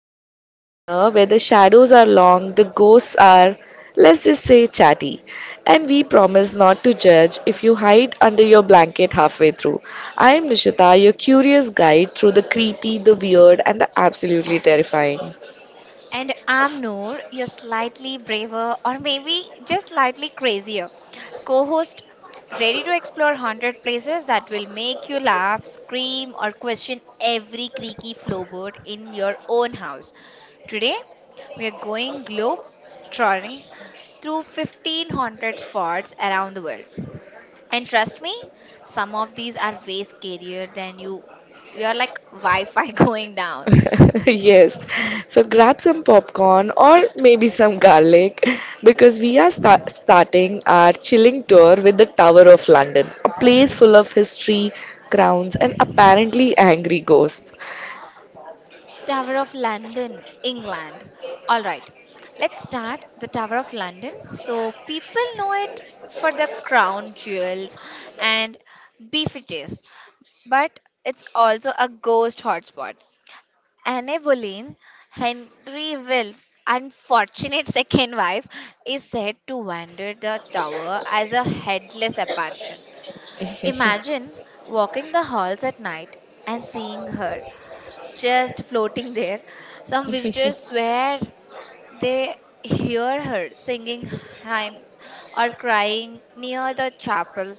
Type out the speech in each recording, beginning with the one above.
spooky corner where the shadows are long, the ghosts are, let's just say, chatty. And we promise not to judge if you hide under your blanket halfway through. I am Nishita, your curious guide through the creepy, the weird, and the absolutely terrifying. And I'm Noor, you're slightly braver or maybe just slightly crazier co host, ready to explore 100 places that will make you laugh, scream, or question every creaky floorboard in your own house. Today, we are going globe trotting through 1500 spots around the world. And trust me, some of these are way scarier than you. You're like Wi Fi going down. Yes. So grab some popcorn or maybe some garlic because we are starting our chilling tour with the Tower of London, a place full of history, crowns, and apparently angry ghosts. Tower of London, England. All right, let's start the Tower of London. So, people know it for the crown jewels and beef it is, but it's also a ghost hotspot. Anne Boleyn, Henry Will's unfortunate second wife, is said to wander the tower as a headless apparition. Imagine walking the halls at night and seeing her just floating there. Some visitors swear they hear her singing hymns or crying near the chapel,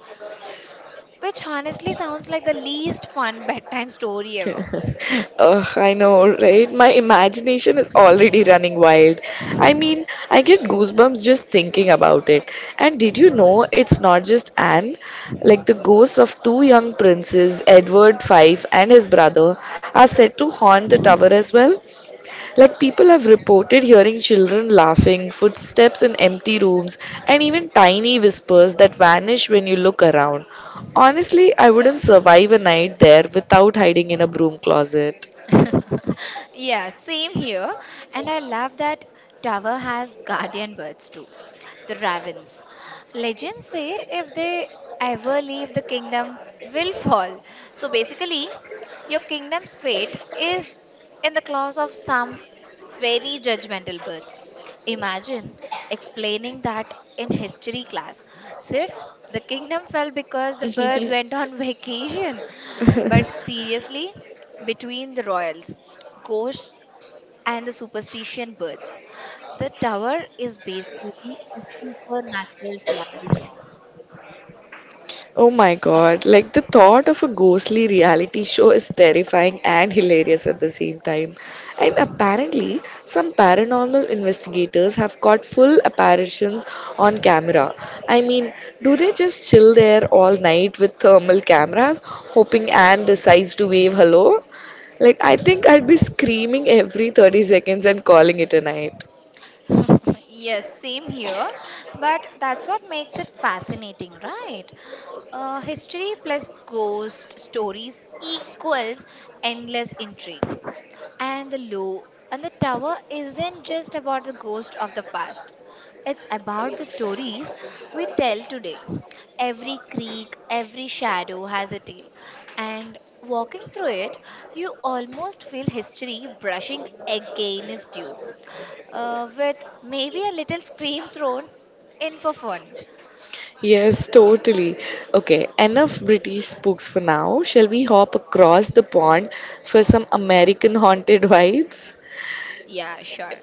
which honestly sounds like the least fun bedtime story ever. Ugh, I know, right? My imagination is already running wild. I mean, I get goosebumps just thinking about it. And did you know it's not just Anne? Like, the ghosts of two young princes, Edward V and his brother, are said to haunt the tower as well. Like people have reported hearing children laughing, footsteps in empty rooms, and even tiny whispers that vanish when you look around. Honestly, I wouldn't survive a night there without hiding in a broom closet. Yeah, same here. And I love that tower has guardian birds too, the ravens. Legends say if they ever leave, the kingdom will fall. So basically, your kingdom's fate is in the claws of some very judgmental birds. Imagine explaining that in history class. Sir, the kingdom fell because the birds went on vacation. But seriously, between the royals, ghosts, and the superstition birds, the tower is basically a supernatural Oh my god, like the thought of a ghostly reality show is terrifying and hilarious at the same time. And apparently, some paranormal investigators have caught full apparitions on camera. I mean, do they just chill there all night with thermal cameras, hoping Anne decides to wave hello? Like, I think I'd be screaming every 30 seconds and calling it a night. reality. Yes, same here. But that's what makes it fascinating, right? History plus ghost stories equals endless intrigue. and the low and the tower isn't just about the ghost of the past, it's about the stories we tell today. Every creek, every shadow has a tale, and walking through it you almost feel history brushing against you, with maybe a little scream thrown in for fun. Yes, totally. Okay, enough British books for now. Shall we hop across the pond for some American haunted vibes? Yeah, sure.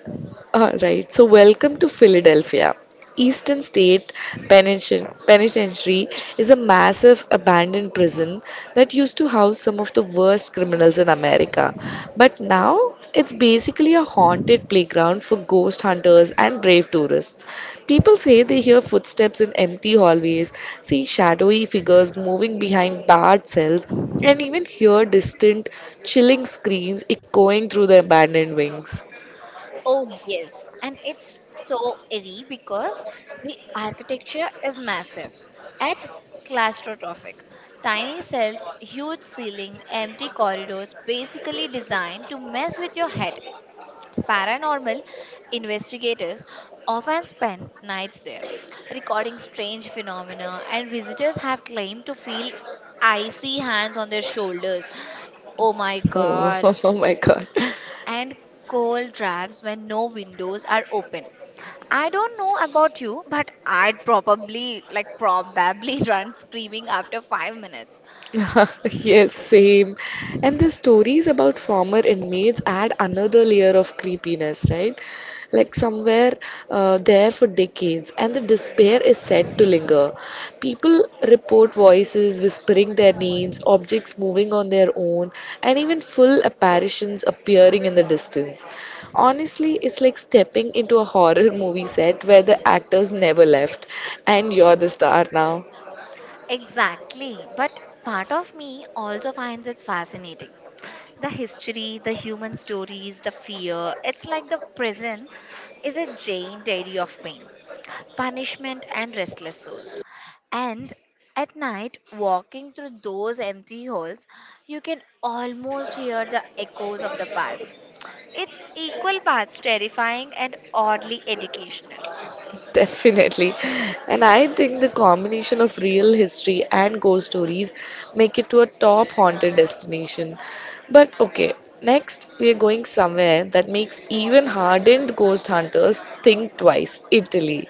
All right, so welcome to Philadelphia. Eastern State Penitentiary is a massive abandoned prison that used to house some of the worst criminals in America. But now it's basically a haunted playground for ghost hunters and brave tourists. People say they hear footsteps in empty hallways, see shadowy figures moving behind barred cells, and even hear distant, chilling screams echoing through the abandoned wings. Oh, yes. And it's so eerie because the architecture is massive and claustrophobic. Tiny cells, huge ceiling, empty corridors, basically designed to mess with your head. Paranormal investigators often spend nights there, recording strange phenomena, and visitors have claimed to feel icy hands on their shoulders. Oh my Oh, god, oh my God. and cold drafts when no windows are open. I don't know about you, but I'd probably run screaming after 5 minutes. Yes, same. And the stories about former inmates add another layer of creepiness, right? Like somewhere there for decades, and the despair is said to linger. People report voices whispering their names, objects moving on their own, and even full apparitions appearing in the distance. Honestly, it's like stepping into a horror movie set where the actors never left, and you're the star now. Exactly. But part of me also finds it fascinating. The history, the human stories, the fear. It's like the prison is a giant dairy of pain, punishment, and restless souls. And at night, walking through those empty halls, you can almost hear the echoes of the past. It's equal parts terrifying and oddly educational. Definitely. And I think the combination of real history and ghost stories make it to a top haunted destination. But okay, next we are going somewhere that makes even hardened ghost hunters think twice. Italy.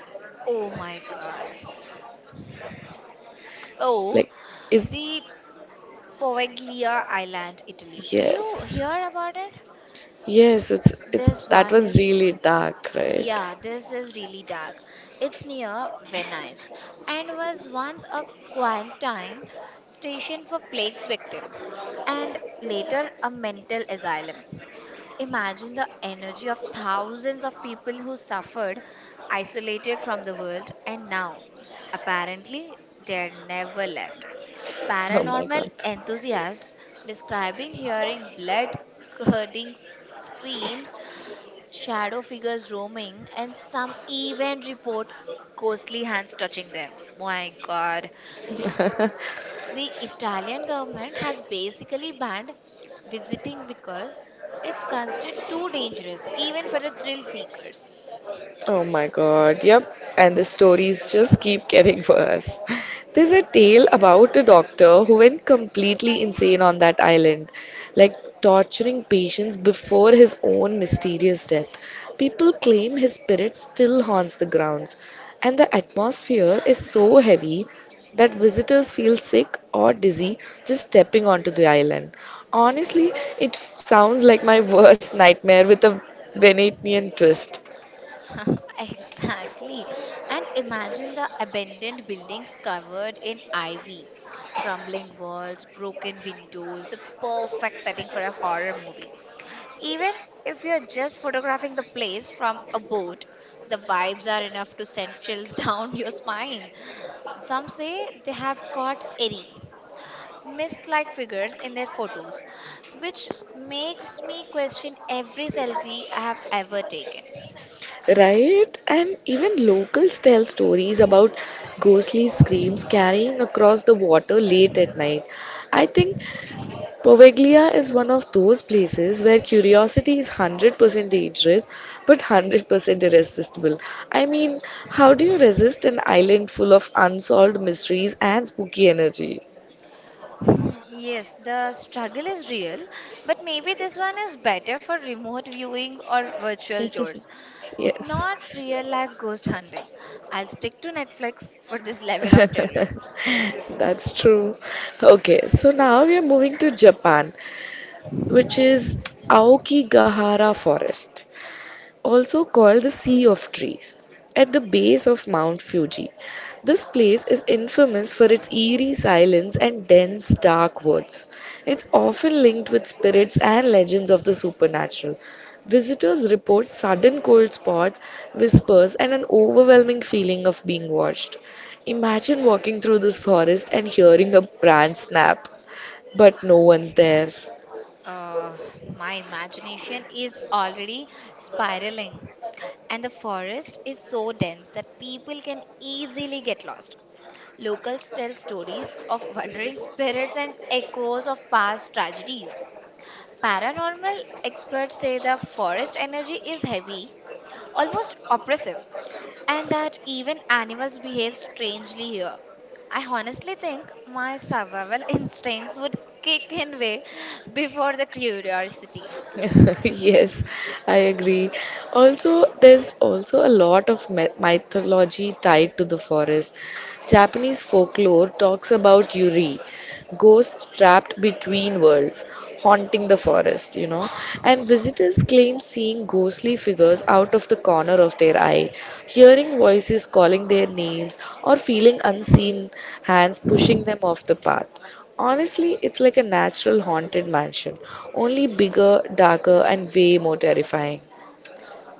Oh my god. Oh, Like is the Poveglia Island, Italy. Do you Yes. hear about it? Yes, it's This that one was is... really dark, right? yeah, this is really dark. It's near Venice and was once a quarantine station for plague's victim and later a mental asylum. Imagine the energy of thousands of people who suffered, isolated from the world, and now apparently they're never left. Oh my Paranormal god. enthusiasts describing hearing blood curdling screams, shadow figures roaming, and some even report ghostly hands touching them. My god. The Italian government has basically banned visiting because it's considered too dangerous, even for the thrill seekers. Oh my god, yep. And the stories just keep getting worse. There's a tale about a doctor who went completely insane on that island, like torturing patients before his own mysterious death. People claim his spirit still haunts the grounds, and the atmosphere is so heavy that visitors feel sick or dizzy just stepping onto the island. Honestly, it sounds like my worst nightmare with a Venetian twist. Exactly. And imagine the abandoned buildings covered in ivy, crumbling walls, broken windows, the perfect setting for a horror movie. Even if you're just photographing the place from a boat, the vibes are enough to send chills down your spine. Some say they have caught eerie, mist like figures in their photos, which makes me question every selfie I have ever taken. Right? And even locals tell stories about ghostly screams carrying across the water late at night. I think Poveglia is one of those places where curiosity is 100% dangerous but 100% irresistible. I mean, how do you resist an island full of unsolved mysteries and spooky energy? Yes, the struggle is real, but maybe this one is better for remote viewing or virtual tours, Yes, not real life ghost hunting. I'll stick to Netflix for this level of terror. that's true. Okay, so now we are moving to Japan, which is Aokigahara Forest, also called the Sea of Trees, at the base of Mount Fuji. This place is infamous for its eerie silence and dense, dark woods. It's often linked with spirits and legends of the supernatural. Visitors report sudden cold spots, whispers, and an overwhelming feeling of being watched. Imagine walking through this forest and hearing a branch snap, but no one's there. Uh, my imagination is already spiraling, and the forest is so dense that people can easily get lost. Locals tell stories of wandering spirits and echoes of past tragedies. Paranormal experts say the forest energy is heavy, almost oppressive, and that even animals behave strangely here. I honestly think my survival instincts would kick in way before the curiosity. Yes, I agree. Also, there's also a lot of mythology tied to the forest. Japanese folklore talks about Yuri, ghosts trapped between worlds, haunting the forest, you know. And visitors claim seeing ghostly figures out of the corner of their eye, hearing voices calling their names, or feeling unseen hands pushing them off the path. Honestly, it's like a natural haunted mansion, only bigger, darker, and way more terrifying.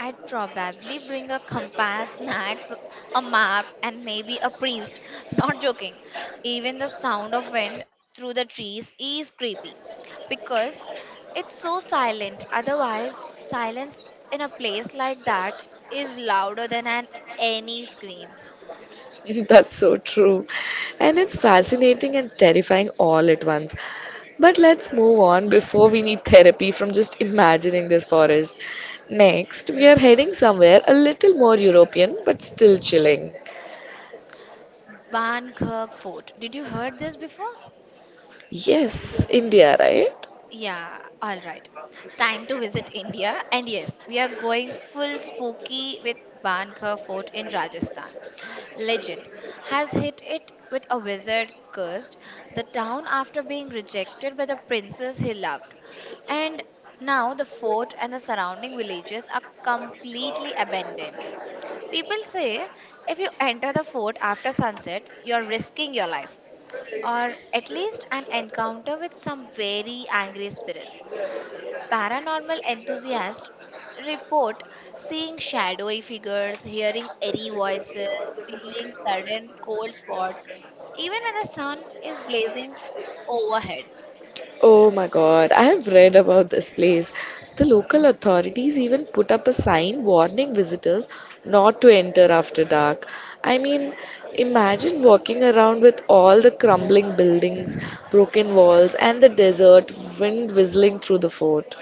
I'd probably bring a compass, snacks, a map, and maybe a priest. Not joking. Even the sound of wind through the trees is creepy because it's so silent. Otherwise, silence in a place like that is louder than an any scream. That's so true. And it's fascinating and terrifying all at once. But let's move on before we need therapy from just imagining this forest. Next, we are heading somewhere a little more European but still chilling. Bangkok Fort. Did you heard this before? Yes, India, right? Yeah, all right. Time to visit India. And yes, we are going full spooky with Bankar Fort in Rajasthan. Legend has hit it with a wizard cursed the town after being rejected by the princess he loved. And now the fort and the surrounding villages are completely abandoned. People say if you enter the fort after sunset, you're risking your life, or at least an encounter with some very angry spirits. Paranormal enthusiasts report seeing shadowy figures, hearing eerie voices, feeling sudden cold spots, even when the sun is blazing overhead. Oh my God, I have read about this place. The local authorities even put up a sign warning visitors not to enter after dark. I mean, imagine walking around with all the crumbling buildings, broken walls, and the desert wind whistling through the fort.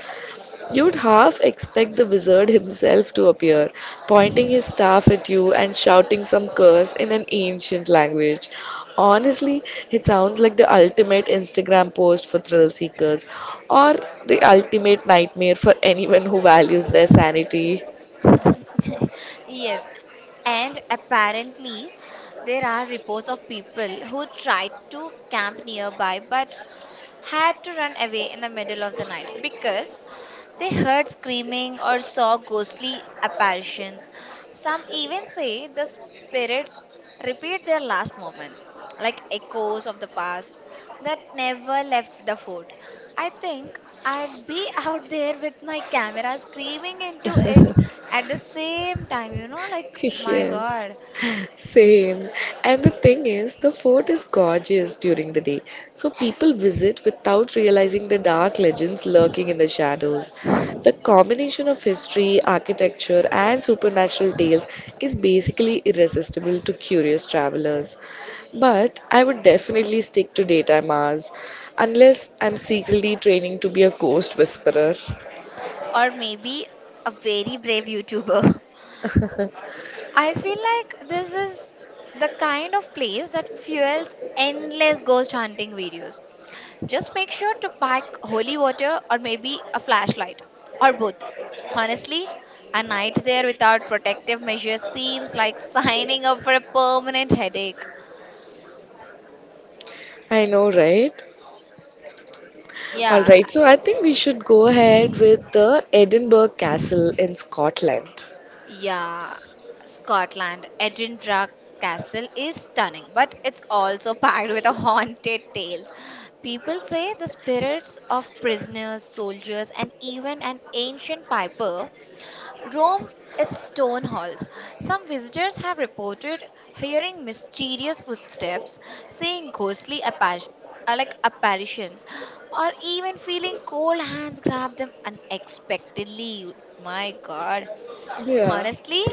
You'd half expect the wizard himself to appear, pointing his staff at you and shouting some curse in an ancient language. Honestly, it sounds like the ultimate Instagram post for thrill seekers, or the ultimate nightmare for anyone who values their sanity. Yes, and apparently, there are reports of people who tried to camp nearby but had to run away in the middle of the night because they heard screaming or saw ghostly apparitions. Some even say the spirits repeat their last moments, like echoes of the past that never left the fort. I think I'd be out there with my camera screaming into it at the same time, you know, like my Yes, god. same. And the thing is, the fort is gorgeous during the day, so people visit without realizing the dark legends lurking in the shadows. The combination of history, architecture, and supernatural tales is basically irresistible to curious travelers. But I would definitely stick to daytime hours, unless I'm secretly training to be a ghost whisperer. Or maybe a very brave YouTuber. I feel like this is the kind of place that fuels endless ghost hunting videos. Just make sure to pack holy water or maybe a flashlight, or both. Honestly, a night there without protective measures seems like signing up for a permanent headache. I know, right? All Yeah, right, so I think we should go ahead with the Edinburgh Castle in Scotland. Yeah, Scotland, Edinburgh Castle is stunning, but it's also packed with a haunted tales. People say the spirits of prisoners, soldiers, and even an ancient piper roam its stone halls. Some visitors have reported hearing mysterious footsteps, seeing ghostly like apparitions, or even feeling cold hands grab them unexpectedly. My God, Yeah, honestly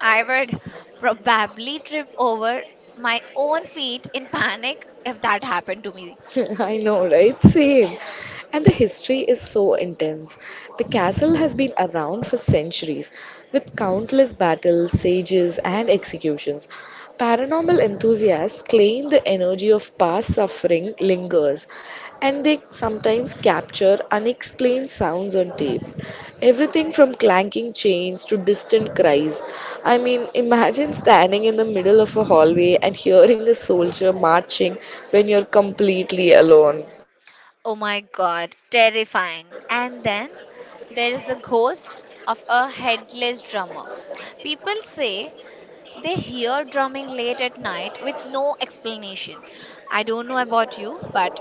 I would probably trip over my own feet in panic if that happened to me. I know, right? Same. And the history is so intense. The castle has been around for centuries with countless battles, sieges, and executions. Paranormal enthusiasts claim the energy of past suffering lingers and they sometimes capture unexplained sounds on tape. Everything from clanking chains to distant cries. I mean, imagine standing in the middle of a hallway and hearing a soldier marching when you're completely alone. Oh my god, terrifying. And then there is the ghost of a headless drummer. People say they hear drumming late at night with no explanation. I don't know about you, but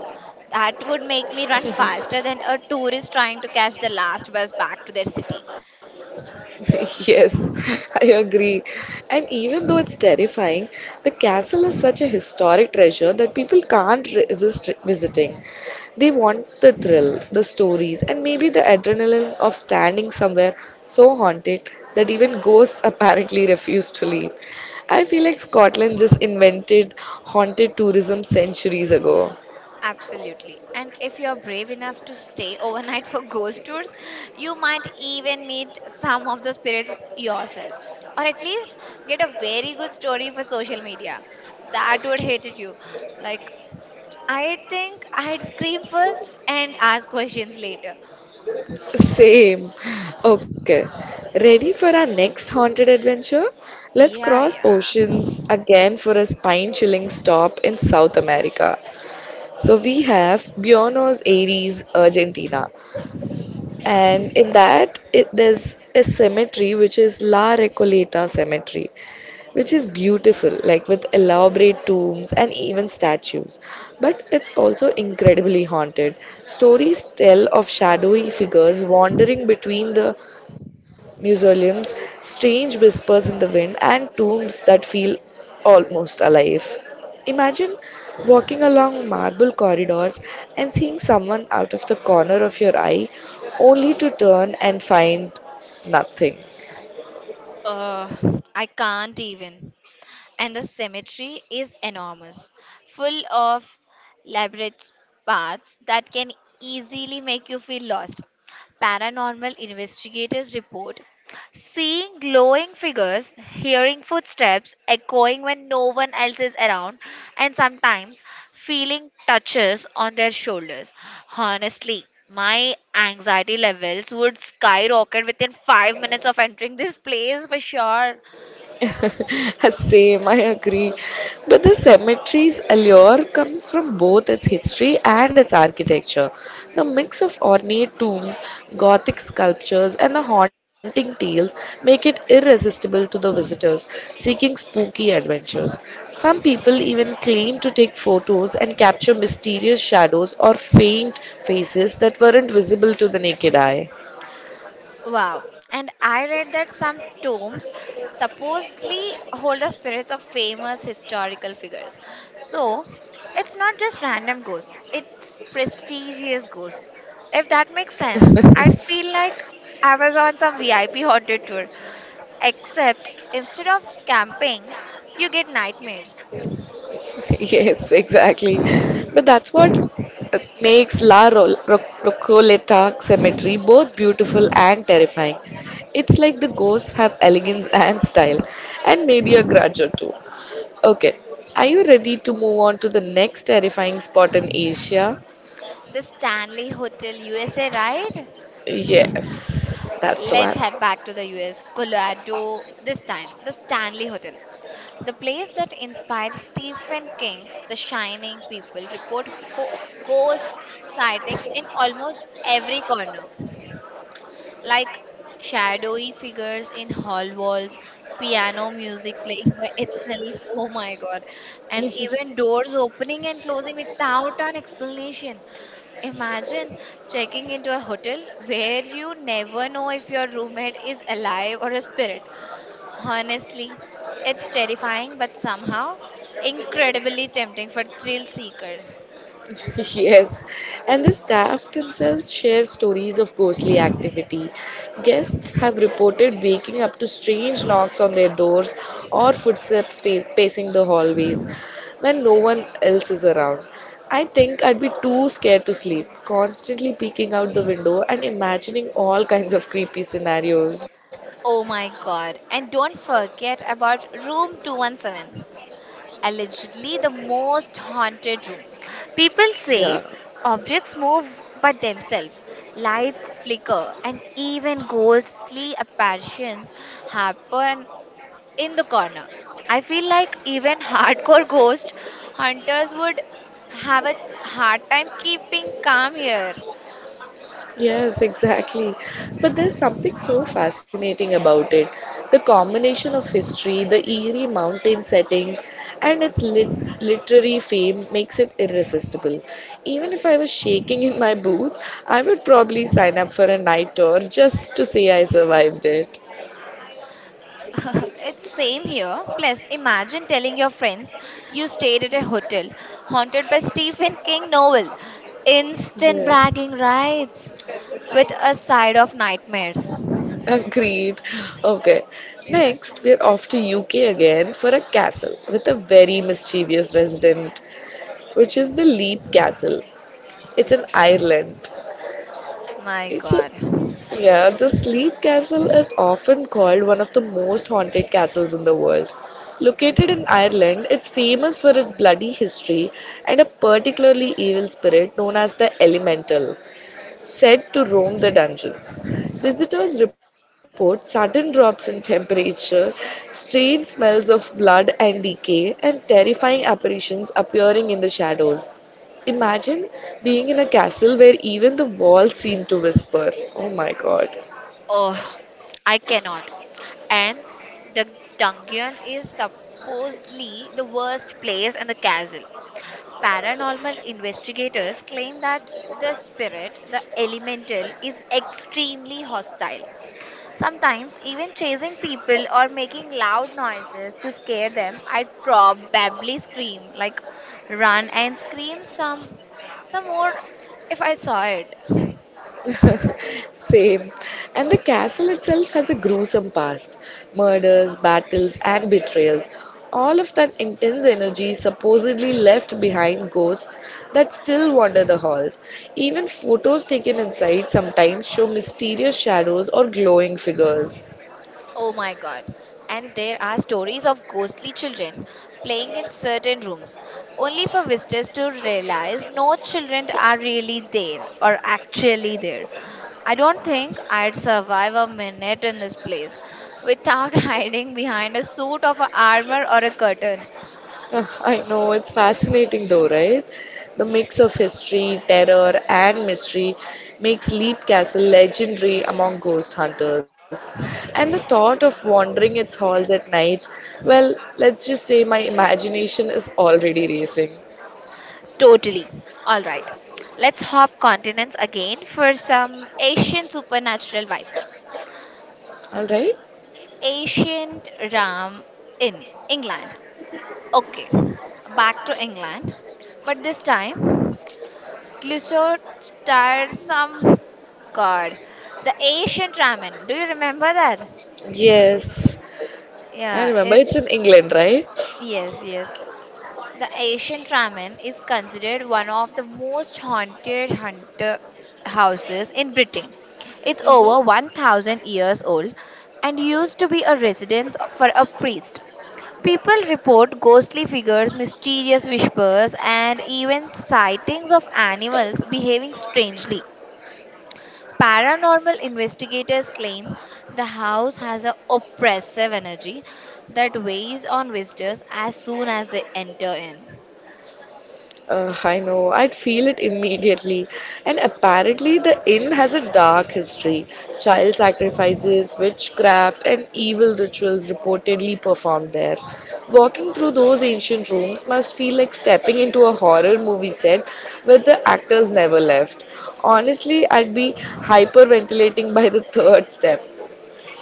that would make me run faster than a tourist trying to catch the last bus back to their city. Yes, I agree. And even though it's terrifying, the castle is such a historic treasure that people can't resist visiting. They want the thrill, the stories, and maybe the adrenaline of standing somewhere so haunted that even ghosts apparently refuse to leave. I feel like Scotland just invented haunted tourism centuries ago. Absolutely. And if you're brave enough to stay overnight for ghost tours, you might even meet some of the spirits yourself, or at least get a very good story for social media. That would hate it you. Like, I think I'd scream first and ask questions later. Same. Okay. Ready for our next haunted adventure? Let's Yeah, cross yeah. oceans again for a spine chilling stop in South America. So we have Buenos Aires, Argentina. And in that, there's a cemetery which is La Recoleta Cemetery which is beautiful, like with elaborate tombs and even statues. But it's also incredibly haunted. Stories tell of shadowy figures wandering between the mausoleums, strange whispers in the wind, and tombs that feel almost alive. Imagine walking along marble corridors and seeing someone out of the corner of your eye, only to turn and find nothing. Uh, I can't even. And the cemetery is enormous, full of labyrinth paths that can easily make you feel lost. Paranormal investigators report seeing glowing figures, hearing footsteps echoing when no one else is around, and sometimes feeling touches on their shoulders. Honestly, my anxiety levels would skyrocket within 5 minutes of entering this place for sure. Same, I agree. But the cemetery's allure comes from both its history and its architecture. The mix of ornate tombs, Gothic sculptures, and the haunting tales make it irresistible to the visitors seeking spooky adventures. Some people even claim to take photos and capture mysterious shadows or faint faces that weren't visible to the naked eye. Wow. And I read that some tombs supposedly hold the spirits of famous historical figures. So it's not just random ghosts, it's prestigious ghosts. If that makes sense, I'd feel like I was on some VIP haunted tour. Except instead of camping, you get nightmares. Yes, exactly. But that's what makes Recoleta Cemetery both beautiful and terrifying. It's like the ghosts have elegance and style, and maybe a grudge or two. Okay, are you ready to move on to the next terrifying spot in Asia? The Stanley Hotel USA ride? Yes, that's the Let's head back to the US, Colorado this time. The Stanley Hotel. The place that inspired Stephen King's The Shining. People report ghost sightings in almost every corner, like shadowy figures in hall walls, piano music playing by itself, oh my god, and one. even doors opening and closing without an explanation. Imagine checking into a hotel where you never know if your roommate is alive or a spirit. Honestly, it's terrifying but somehow incredibly tempting for thrill seekers. Yes, and the staff themselves share stories of ghostly activity. Guests have reported waking up to strange knocks on their doors or footsteps pacing the hallways when no one else is around. I think I'd be too scared to sleep, constantly peeking out the window and imagining all kinds of creepy scenarios. Oh my god, and don't forget about room 217, allegedly the most haunted room. People Yeah. say objects move by themselves, lights flicker, and even ghostly apparitions happen in the corner. I feel like even hardcore ghost hunters would have a hard time keeping calm here. Yes, exactly. But there's something so fascinating about it. The combination of history, the eerie mountain setting, and its literary fame makes it irresistible. Even if I was shaking in my boots, I would probably sign up for a night tour just to say I survived it. It's same here. Plus, imagine telling your friends you stayed at a hotel haunted by Stephen King novel. Instant Yes, bragging rights with a side of nightmares. agreed. Okay, next we're off to UK again for a castle with a very mischievous resident, which is the Leap Castle. It's in Ireland. My It's a, god. yeah, the Sleep Castle is often called one of the most haunted castles in the world. Located in Ireland, it's famous for its bloody history and a particularly evil spirit known as the Elemental said to roam the dungeons. Visitors report sudden drops in temperature, strange smells of blood and decay, and terrifying apparitions appearing in the shadows. Imagine being in a castle where even the walls seem to whisper. Oh my god. Oh, I cannot. And the dungeon is supposedly the worst place in the castle. Paranormal investigators claim that the spirit, the elemental, is extremely hostile. Sometimes, even chasing people or making loud noises to scare them, I probably scream, like run and scream some more if I saw it. Same. And the castle itself has a gruesome past: murders, battles, and betrayals. All of that intense energy supposedly left behind ghosts that still wander the halls. Even photos taken inside sometimes show mysterious shadows or glowing figures. Oh my god. And there are stories of ghostly children playing in certain rooms, only for visitors to realize no children are really there or actually there. I don't think I'd survive a minute in this place without hiding behind a suit of a armor or a curtain. I know, it's fascinating though, right? The mix of history, terror, and mystery makes Leap Castle legendary among ghost hunters. And the thought of wandering its halls at night, well, let's just say my imagination is already racing. Totally. Alright. Let's hop continents again for some Asian supernatural vibes. Alright? Ancient Ram in England. Okay, back to England, but this time, Clouseau tired some god, the ancient ramen. Do you remember that? Yes. I Yeah, remember is it's in England, right? Yes, yes. The ancient ramen is considered one of the most haunted hunter houses in Britain. It's over hmm 1,000 years old and used to be a residence for a priest. People report ghostly figures, mysterious whispers, and even sightings of animals behaving strangely. Paranormal investigators claim the house has an oppressive energy that weighs on visitors as soon as they enter in. I know, I'd feel it immediately. And apparently, the inn has a dark history. Child sacrifices, witchcraft, and evil rituals reportedly performed there. Walking through those ancient rooms must feel like stepping into a horror movie set where the actors never left. Honestly, I'd be hyperventilating by the third step.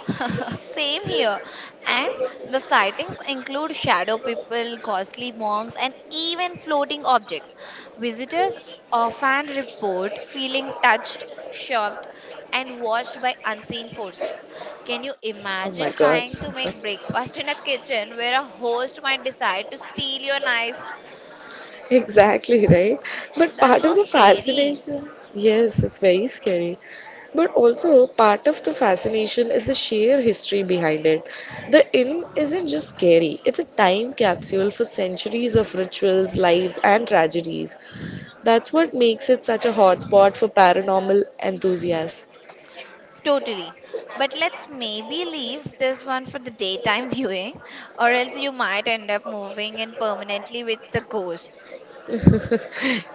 Same here. And the sightings include shadow people, costly monks, and even floating objects. Visitors often report feeling touched, shoved, and watched by unseen forces. Can you Oh my imagine god. trying to make breakfast in a kitchen where a host might decide to steal your knife? Exactly, right? But part That's of the so scary. fascination, yes, it's very scary. But also, part of the fascination is the sheer history behind it. The inn isn't just scary, it's a time capsule for centuries of rituals, lives, and tragedies. That's what makes it such a hotspot for paranormal enthusiasts. Totally. But let's maybe leave this one for the daytime viewing, or else you might end up moving in permanently with the ghost.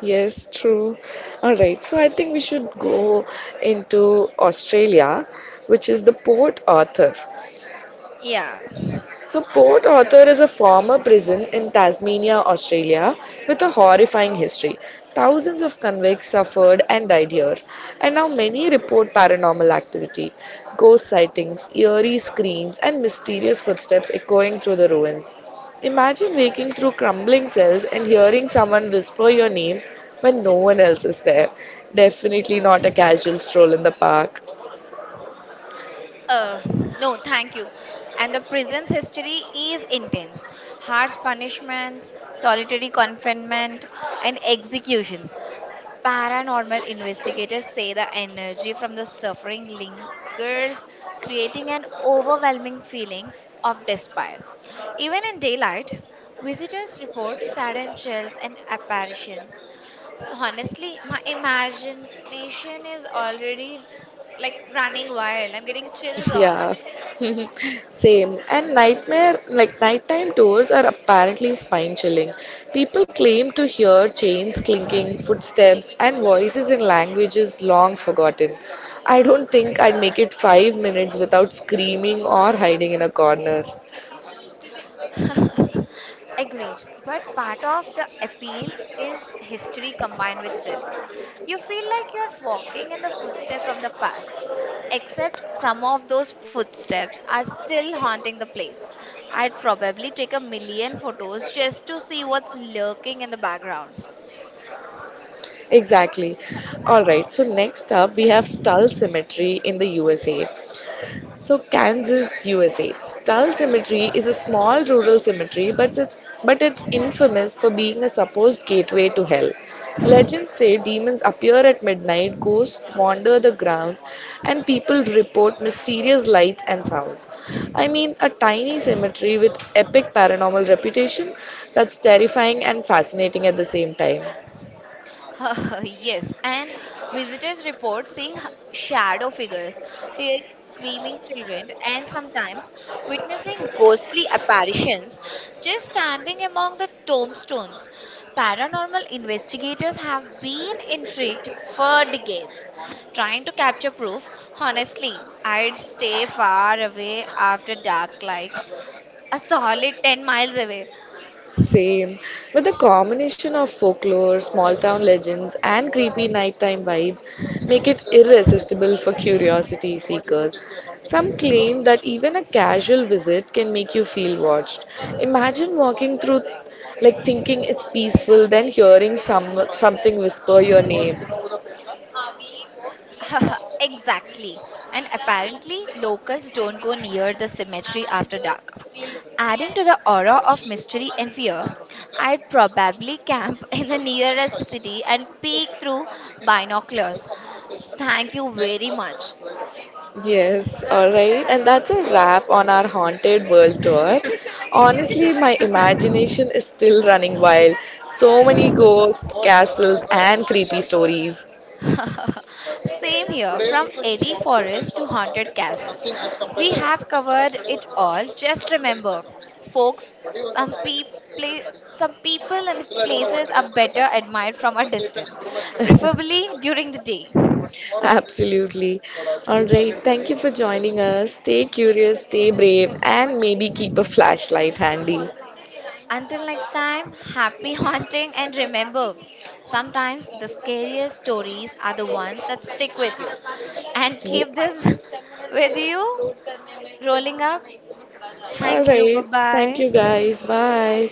Yes, true. All right, so I think we should go into Australia, which is the Port Arthur. Yeah. So, Port Arthur is a former prison in Tasmania, Australia, with a horrifying history. Thousands of convicts suffered and died here, and now many report paranormal activity, ghost sightings, eerie screams, and mysterious footsteps echoing through the ruins. Imagine waking through crumbling cells and hearing someone whisper your name when no one else is there. Definitely not a casual stroll in the park. Uh, no, thank you. And the prison's history is intense, harsh punishments, solitary confinement, and executions. Paranormal investigators say the energy from the suffering lingers, creating an overwhelming feeling of despair. Even in daylight, visitors report sudden chills and apparitions. So, honestly, my imagination is already like running wild. I'm getting chills on. Yeah, same. And nightmare, like nighttime tours are apparently spine-chilling. People claim to hear chains clinking, footsteps, and voices in languages long forgotten. I don't think I'd make it 5 minutes without screaming or hiding in a corner. Agreed. But part of the appeal is history combined with thrill. You feel like you're walking in the footsteps of the past, except some of those footsteps are still haunting the place. I'd probably take a million photos just to see what's lurking in the background. Exactly. All right, so next up we have Stull Cemetery in the USA. So Kansas, USA. Stull Cemetery is a small rural cemetery, but it's infamous for being a supposed gateway to hell. Legends say demons appear at midnight, ghosts wander the grounds, and people report mysterious lights and sounds. I mean, a tiny cemetery with epic paranormal reputation that's terrifying and fascinating at the same time. Yes, and visitors report seeing shadow figures, hearing screaming children, and sometimes witnessing ghostly apparitions just standing among the tombstones. Paranormal investigators have been intrigued for decades, trying to capture proof. Honestly, I'd stay far away after dark, like a solid 10 miles away. Same. But the combination of folklore, small town legends, and creepy nighttime vibes make it irresistible for curiosity seekers. Some claim that even a casual visit can make you feel watched. Imagine walking through like thinking it's peaceful, then hearing something whisper your name. Exactly. And apparently, locals don't go near the cemetery after dark. Adding to the aura of mystery and fear, I'd probably camp in the nearest city and peek through binoculars. Thank you very much. Yes, alright. And that's a wrap on our Haunted World tour. Honestly, my imagination is still running wild. So many ghosts, castles, and creepy stories. Same here, from airy forests to haunted castles. We have covered it all. Just remember, folks, some people. Some people and the places are better admired from a distance, preferably during the day. Absolutely. All right. Thank you for joining us. Stay curious, stay brave, and maybe keep a flashlight handy. Until next time, happy haunting and remember, sometimes the scariest stories are the ones that stick with you. And keep this with you. Rolling up. All Thank you. Bye right. Thank you, bye. guys. Bye.